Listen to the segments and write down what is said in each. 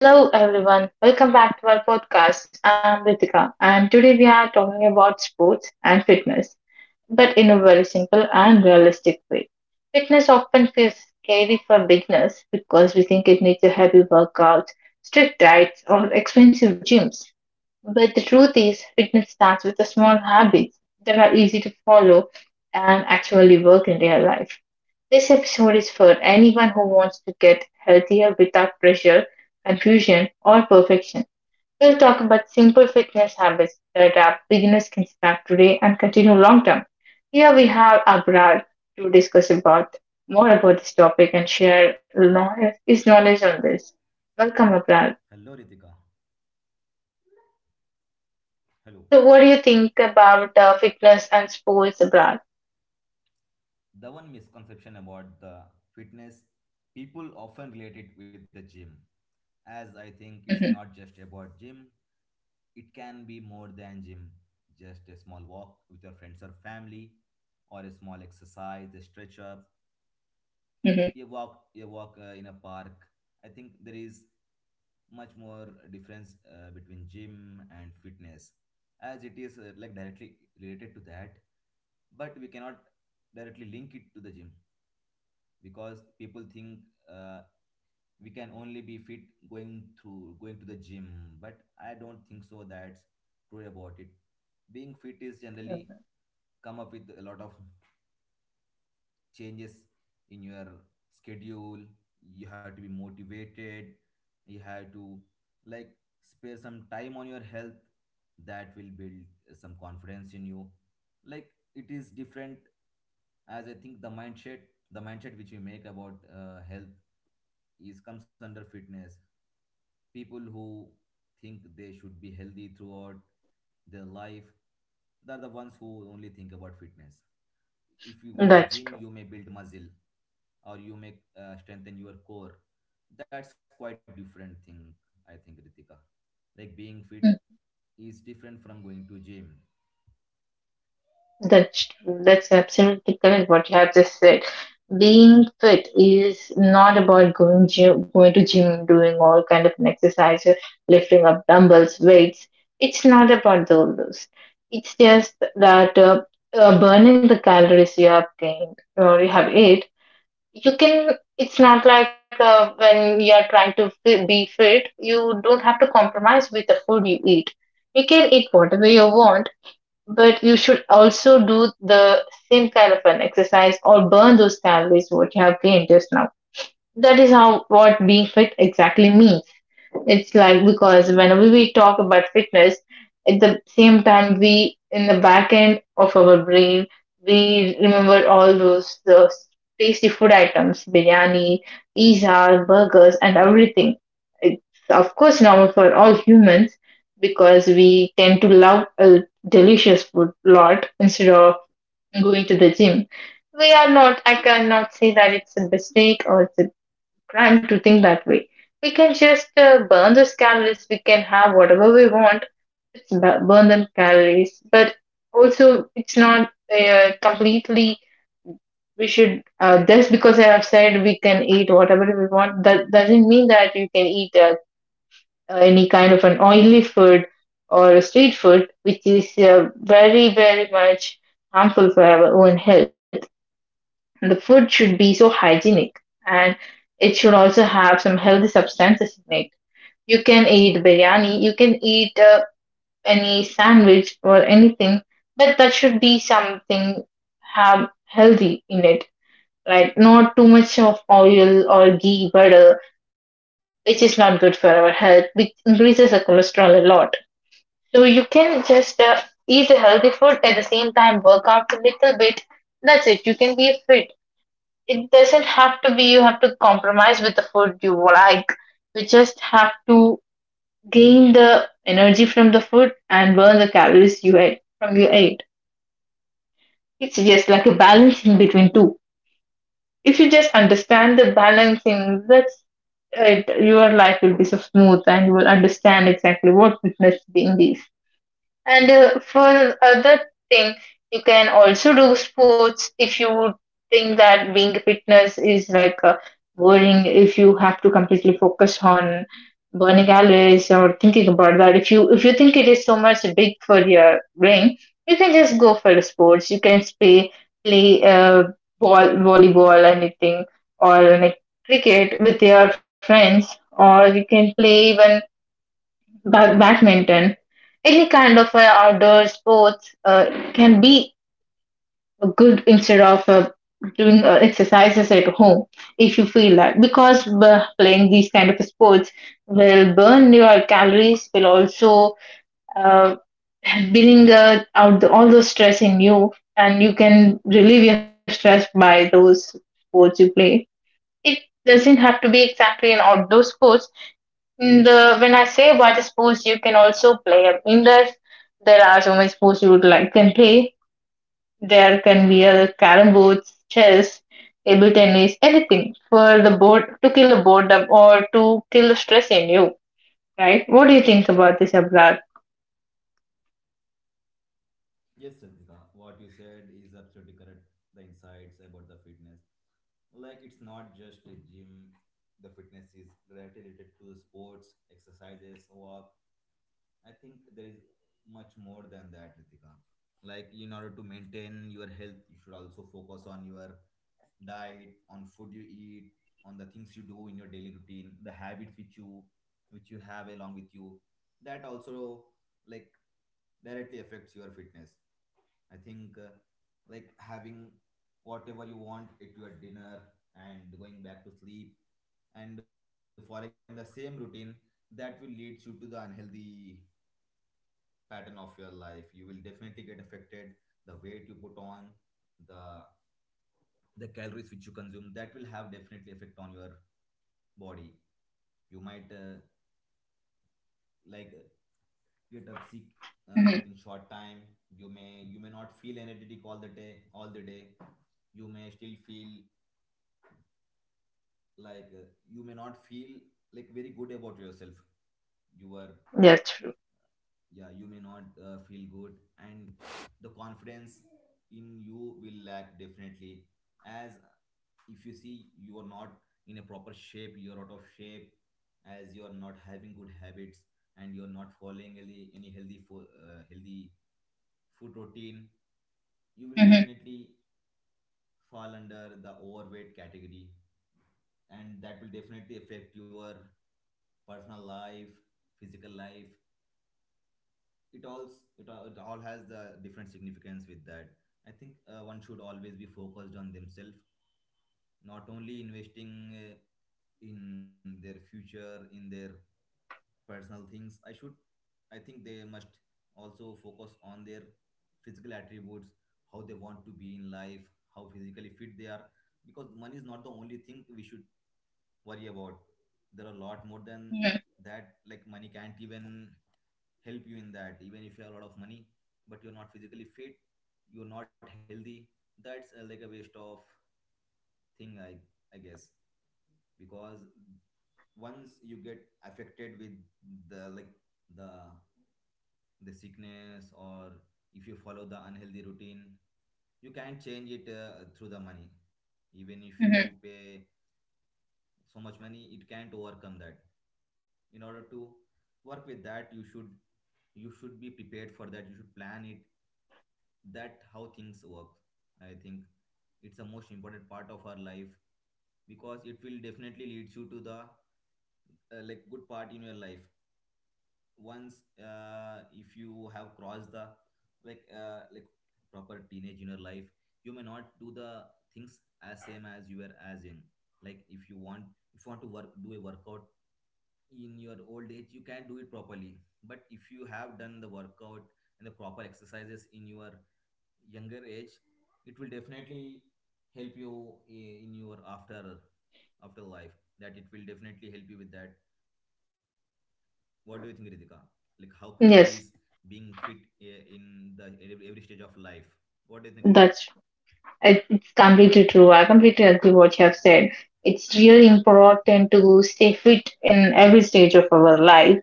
Hello everyone, welcome back to our podcast. I'm Ritika and today we are talking about sports and fitness, but in a very simple and realistic way. Fitness often feels scary for beginners because we think it needs a heavy workout, strict diets, or expensive gyms. But the truth is, fitness starts with the small habits that are easy to follow and actually work in real life. This episode is for anyone who wants to get healthier without pressure, confusion, or perfection. We'll talk about simple fitness habits that our beginners can start today and continue long term. Here we have Abrar to discuss about more about this topic and share knowledge, his knowledge on this. Welcome, Abrar. So, what do you think about fitness and sports, Abrar? hmm hmm That's true. That's true. That's absolutely correct what you have just said. Being fit is not about going gym, going to gym, doing all kind of an exercise, lifting up dumbbells, weights. It's not about those. It's just that burning the calories you have gained or you have ate. You can. It's not like when you are trying to be fit, you don't have to compromise with the food you eat. You can eat whatever you want but you should also do the same kind of an exercise or burn those calories what you have gained just now. That is how what being fit exactly means. It's like because whenever we talk about fitness, at the same time, we in the back end of our brain, we remember all those tasty food items, biryani, pizza, burgers, and everything. It's of course normal for all humans because we tend to love a delicious food lot instead of going to the gym. We are not. I cannot say that it's a mistake or it's a trying to think that way. We can just burn those calories. We can have whatever we want. It's burn them calories, but also it's not completely. We should just because I have said we can eat whatever we want. That doesn't mean that you can eat any kind of an oily food or a street food, which is very very much harmful for our own health. And the food should be so hygienic and it should also have some healthy substances in it you can eat biryani, you can eat any sandwich or anything, but that should be something have healthy in it, right? Not too much of oil or ghee butter, which is not good for our health, which increases the cholesterol a lot. So you can just eat a healthy food at the same time, work out a little bit. That's it. You can be fit. It doesn't have to be you have to compromise with the food you like. You just have to gain the energy from the food and burn the calories you ate from you ate. It's just like a balancing between two. If you just understand the balancing, that's it. Your life will be so smooth, and you will understand exactly what fitness being is. And for other thing, you can also do sports if you think that being fitness is like boring. If you have to completely focus on burning calories or thinking about that, if you think it is so much big for your brain, you can just go for the sports. You can play ball, volleyball, anything, or like cricket with your friends, or you can play even badminton, any kind of outdoor sports can be good instead of doing exercises at home if you feel that because playing these kind of sports will burn your calories will also uh, bring out the, all the stress in you and you can relieve your stress by those sports you play it doesn't have to be exactly an outdoor sports. The when I say what sports you can also play, I mean that there are so many sports you would like can play. There can be a carrom boards, chess, table tennis, anything for the board to kill the boredom or to kill the stress in you, right? What do you think about this, Abrar? Mm-hmm. Yes, true. Mm-hmm. Mm-hmm. Yes, that's It's completely true. I completely agree what you have said. It's really important to stay fit in every stage of our life.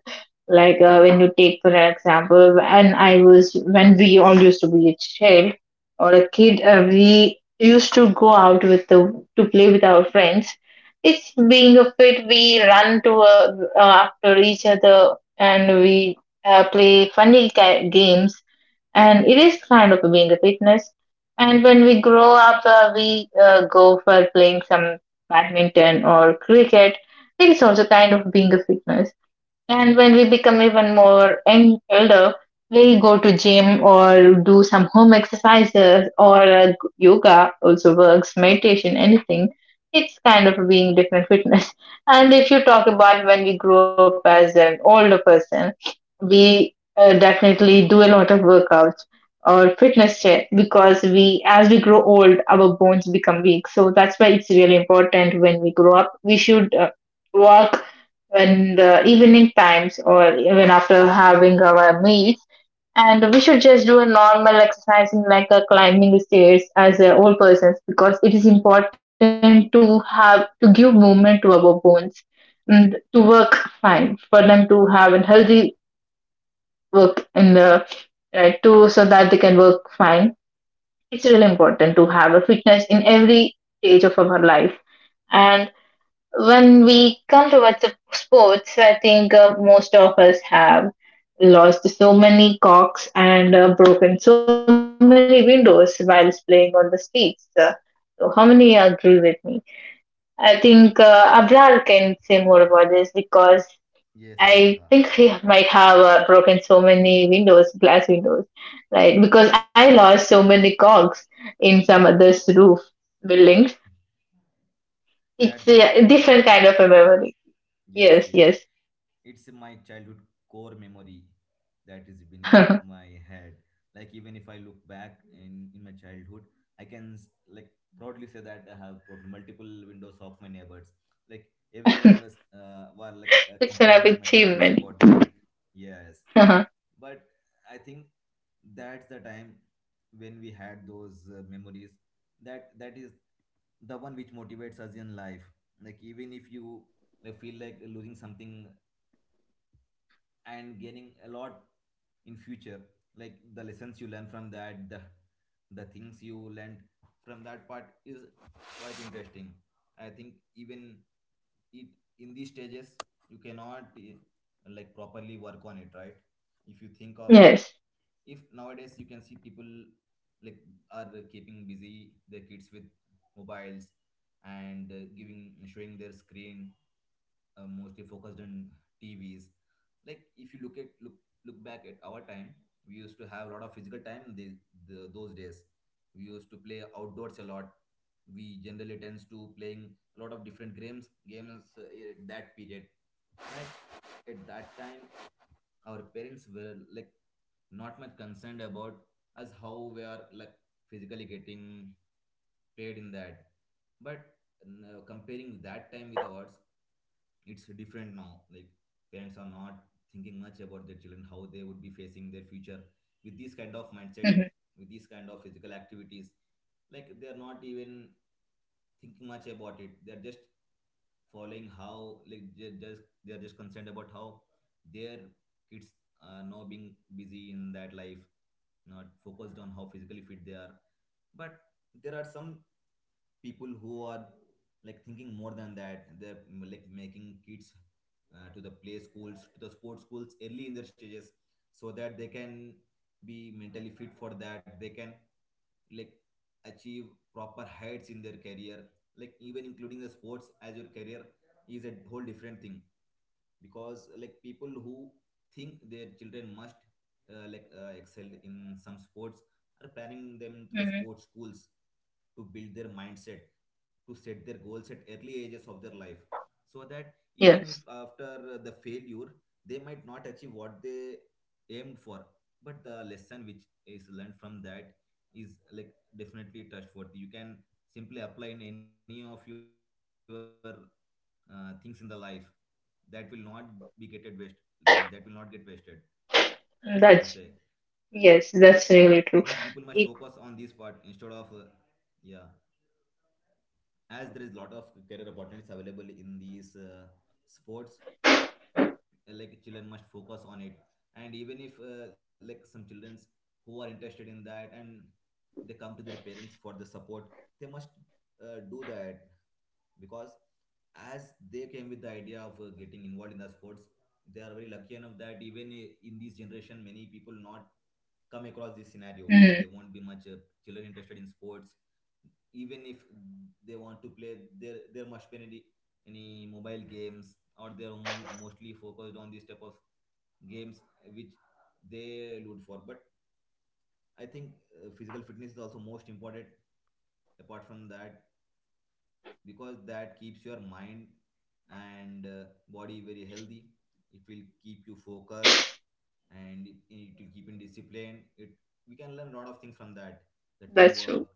Like when you take for example, and I was when we all used to be a child or a kid, we used to go out with the to play with our friends. It's being a fit. We run to uh, after each other and we play funny games and it is kind of being a fitness. And when we grow up, we go for playing some badminton or cricket. It is also kind of being a fitness. And when we become even more elder, we'll go to gym or do some home exercises or yoga also works, meditation, anything. It's kind of being different fitness. And if you talk about when we grow up as an older person, we definitely do a lot of workouts or fitness check because we as we grow old our bones become weak so that's why it's really important when we grow up we should work when the evening times or even after having our meals. And we should just do a normal exercising like a climbing the stairs as a old persons because it is important to have to give movement to our bones and to work fine for them to have a healthy work in the too so that they can work fine. It's really important to have a fitness in every stage of our life and when we come towards the sports, I think most of us have lost so many cocks and broken so many windows whilst playing on the streets. So, how many agree with me? I think Abrar can say more about this because I think he might have broken so many windows, glass windows, right? Because I lost so many cogs in some other's roof buildings. It's a different kind of a memory. Yes, yes. It's an achievement. Uh-huh. Yes. hmm hmm Yes. That's yes. That's really true. It, mm, that's true.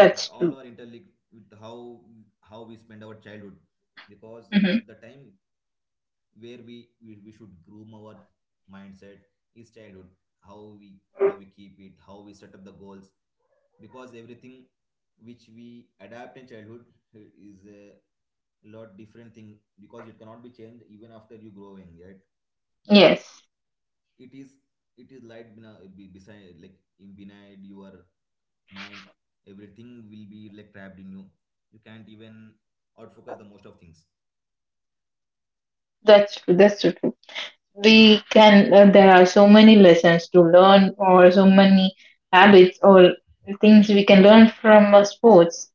That's true. hmm Yes. That's true. That's so true. We can. There are so many lessons to learn, or so many habits, or things we can learn from sports.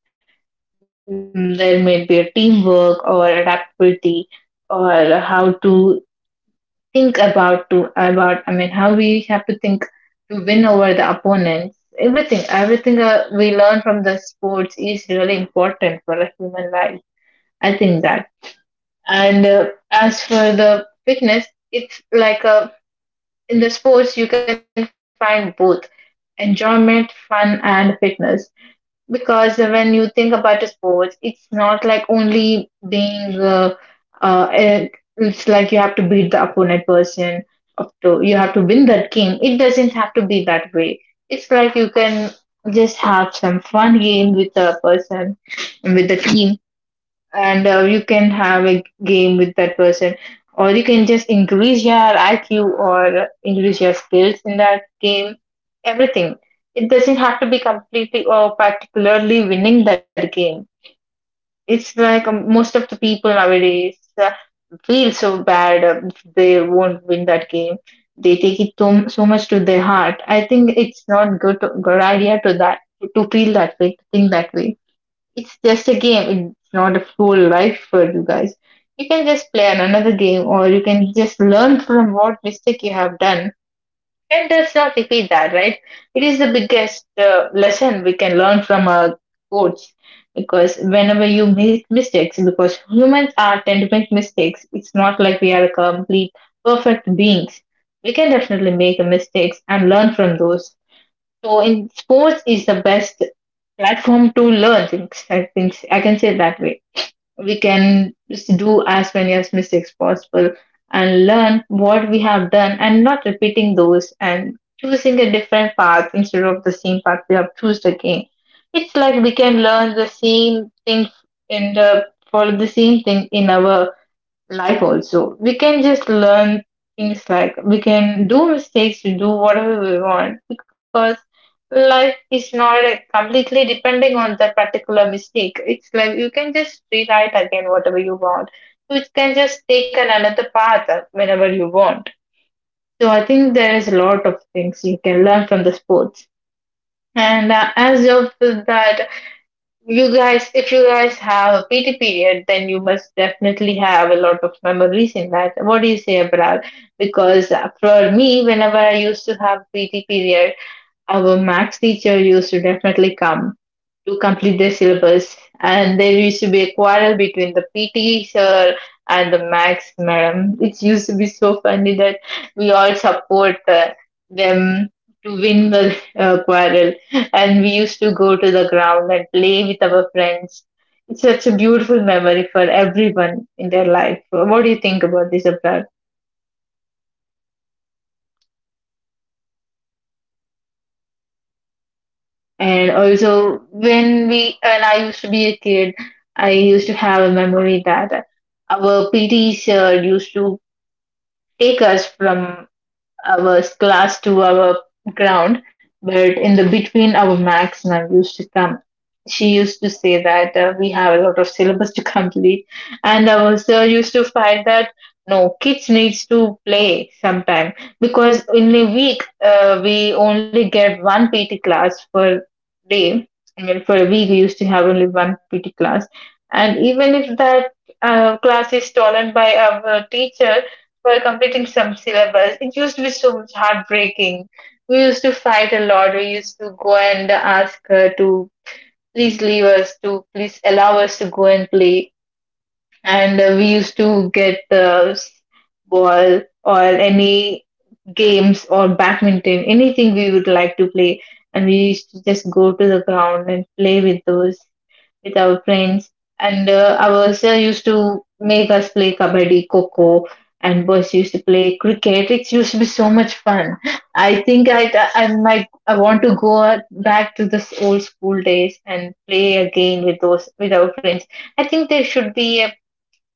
There may be a teamwork, or adaptability, or how to think about to about I mean how we have to think to win over the opponents everything we learn from the sports is really important for a human life I think that and as for the fitness it's like a in the sports you can find both enjoyment fun and fitness because when you think about the sports, it's not like only being, uh, it- it's like you have to beat the opponent person, up to, you have to win that game. It doesn't have to be that way. It's like you can just have some fun game with the person, with the team and you can have a game with that person or you can just increase your IQ or increase your skills in that game everything it doesn't have to be completely or particularly winning that game it's like most of the people nowadays feel so bad if they won't win that game they take it so much to their heart I think it's not good idea to that to feel that way to think that way it's just a game. It's not a full life for you guys. You can just play another game or you can just learn from what mistake you have done and does not repeat that, right? It is the biggest lesson we can learn from our coach because whenever you make mistakes, because humans are tend to make mistakes, it's not like we are a complete perfect beings. We can definitely make mistakes and learn from those. So in sports is the best platform to learn things. I think I can say that way. We can just do as many as mistakes possible and learn what we have done and not repeating those and choosing a different path instead of the same path we have choose again. It's like we can learn the same thing in the follow the same thing in our life also. We can just learn things like we can do mistakes, we do whatever we want because life is not like, completely depending on that particular mistake. It's like you can just rewrite again whatever you want. You can just take an another path whenever you want. So I think there is a lot of things you can learn from the sports. And as of that, you guys, if you guys have a PT period, then you must definitely have a lot of memories in that. What do you say, Abral? Because for me, whenever I used to have PT period, our max teacher used to definitely come to complete their syllabus. And there used to be a quarrel between the PT sir and the Max madam. It used to be so funny that we all support them to win the quarrel. And we used to go to the ground and play with our friends. It's such a beautiful memory for everyone in their life. What do you think about this, Abrar? And also, when I used to be a kid, I used to have a memory that our PTs used to take us from our class to our ground, but in the between our max now used to come. She used to say that we have a lot of syllabus to complete, and our sir used to fight that no kids needs to play sometime because in a week we only get one PT class per day. I mean, for a week we used to have only one PT class, and even if that class is stolen by our teacher, for completing some syllabus. It used to be so much heartbreaking. We used to fight a lot. We used to go and ask her to please leave us, to please allow us to go and play. And we used to get the ball or any games or badminton, anything we would like to play. And we used to just go to the ground and play with our friends. And our sir used to make us play kabaddi, coco, and boys used to play cricket. It used to be so much fun. I think I might I want to go back to this old school days and play again with our friends. I think there should be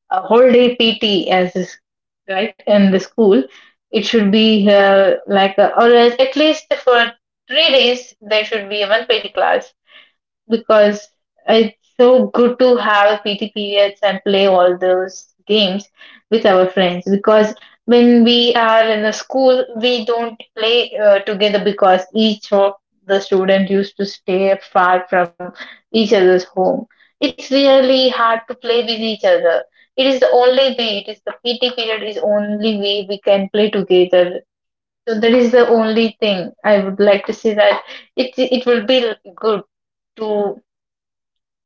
a whole day PT as is right in the school. It should be like a, or at least for three days there should be one PT class because it's so good to have PT periods and play all those games with our friends. Because when we are in the school, we don't play together because each of the student used to stay far from each other's home. It's really hard to play with each other. It is the only way. It is the PT period is only way we can play together. So that is the only thing I would like to say that it will be good to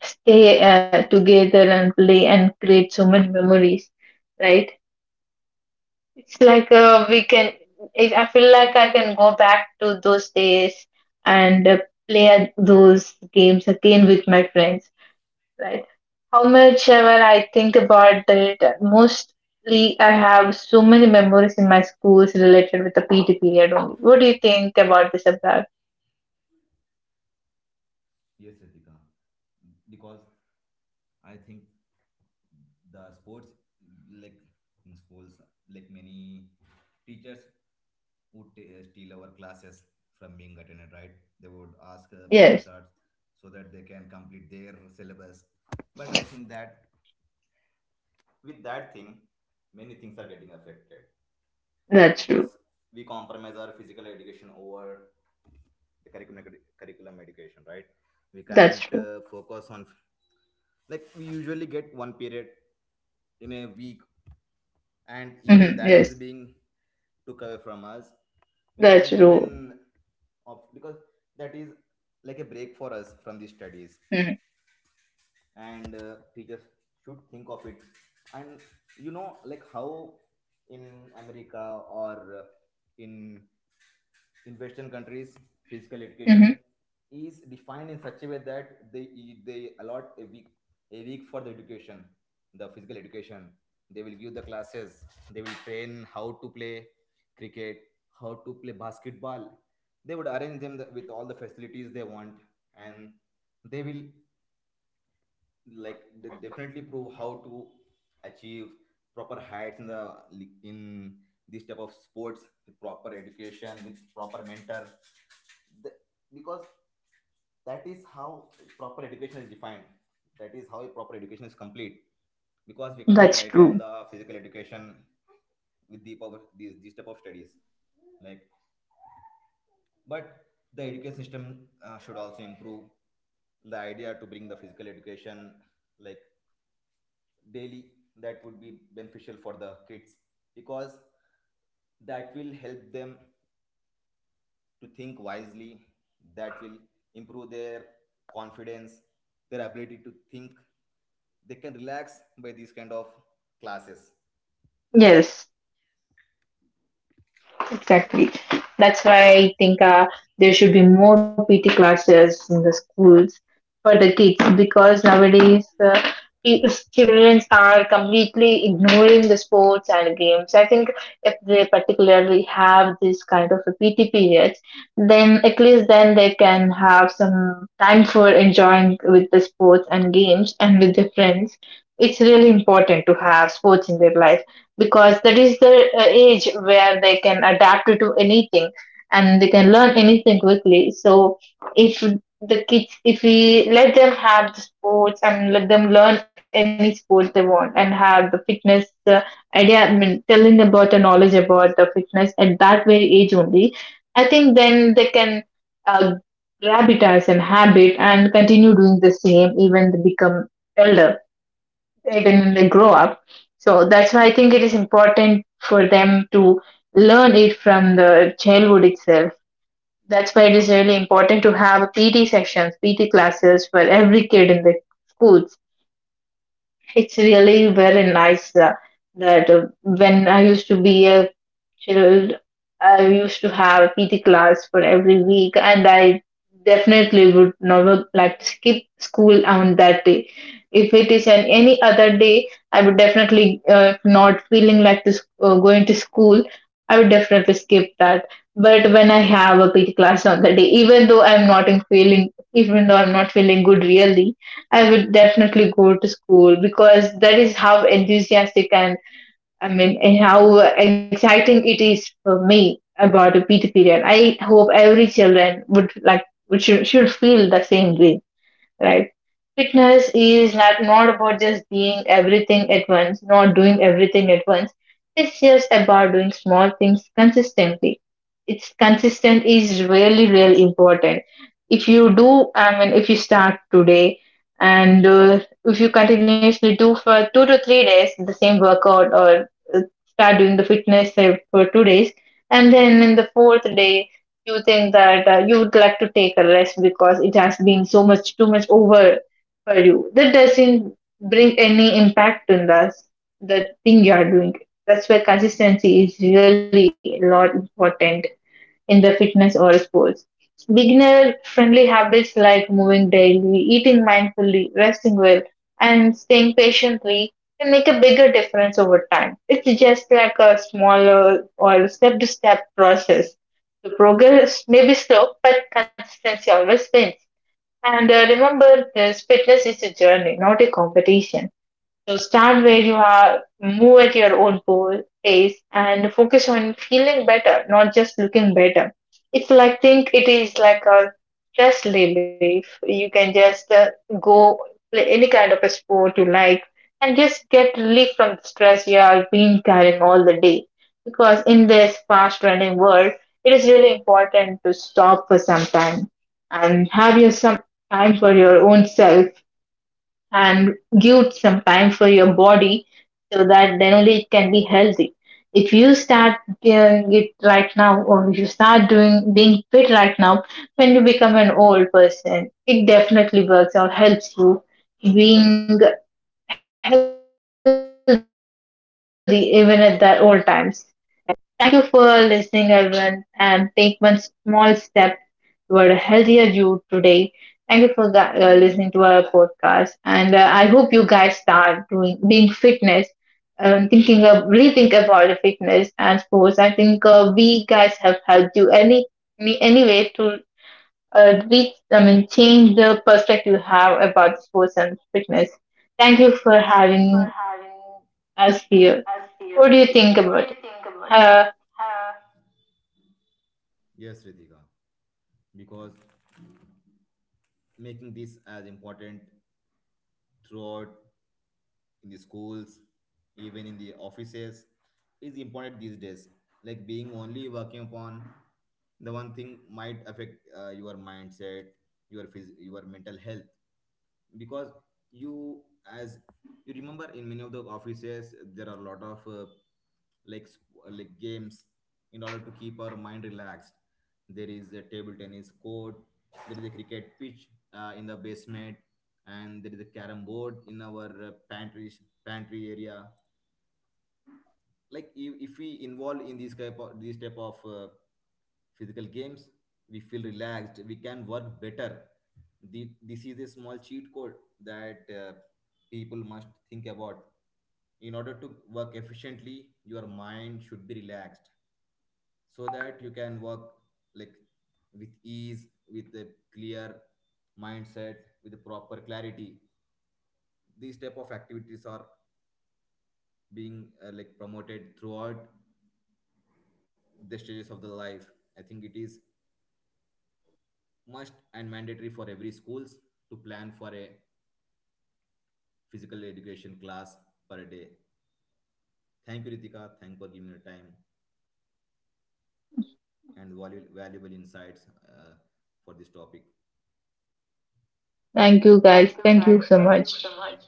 stay together and play and create so many memories, right? It's like we can, if I feel like I can go back to those days and play at those games again with my friends, right? How much ever I think about it, mostly I have so many memories in my schools related with the PT period only. What do you think about this, about? Yes, that's true. That's true. Yes, that's true. Mm-hmm. That's true. Yes, exactly. That's why I think there should be more PT classes in the schools for the kids because nowadays pe- children are completely ignoring the sports and games. I think if they particularly have this kind of a PT periods, then at least then they can have some time for enjoying with the sports and games and with their friends. It's really important to have sports in their life because that is the age where they can adapt to anything and they can learn anything quickly. So if the kids, if we let them have the sports and let them learn any sport they want and have the fitness idea, I mean, telling about the knowledge about the fitness at that very age only, I think then they can uh, grab it as an habit and continue doing the same elder even when they grow up. So that's why I think it is important for them to learn it from the childhood itself. That's why it is really important to have PT sections, PT classes for every kid in the schools. It's really very nice that when I used to be a chilled. I used to have PT class for every week, and I definitely would never like to skip school on that day. If it is on any other day, I would definitely not feeling like to going to school. I would definitely skip that. But when I have a PT class on that day, even though I'm not in feeling, even though I'm not feeling good really, I would definitely go to school because that is how enthusiastic and, I mean, and how exciting it is for me about a Peter period. I hope every children would should feel the same way, right? Fitness is not, not about just being everything at once, not doing everything at once. It's just about doing small things consistently. It's consistent is really, really important. If you do, I mean, if you start today and if you continuously do for two to three days the same workout or uh, start doing the fitness for two days, and then in the fourth day you think that you would like to take a rest because it has been so much too much over for you, that doesn't bring any impact on the thing you are doing. That's why consistency is really a lot important in the fitness or sports. Beginner friendly habits like moving daily, eating mindfully, resting well, and staying patiently can make a bigger difference over time. It's just like a smaller or step to step process. The progress may be slow, but consistency always wins. And remember, this fitness is a journey, not a competition. So stand where you are, move at your own pace, and focus on feeling better, not just looking better. It's like, think it is like a stress relief. You can just go play any kind of a sport you like and just get relief from the stress you are being carrying all the day. Because in this fast running world, it is really important to stop for some time and have your some time for your own self and give some time for your body, so that then only it can be healthy. If you start doing it right now, or if you start doing being fit right now, when you become an old person, it definitely works or helps you being healthy even at that old times, right? Thank you for listening everyone, and take one small step were healthier you today. Thank you for listening to our podcast, and I hope you guys start doing being fitness, thinking of rethink about the fitness and sports. I think we guys have helped you any way to reach. I mean, change the perspective you have about sports and fitness. Thank you for You for having having us us here. here. What do you What think do you about think it? about it? Uh, Uh, thank you guys. Thank you, Thank you guys. so Thank you so much. much.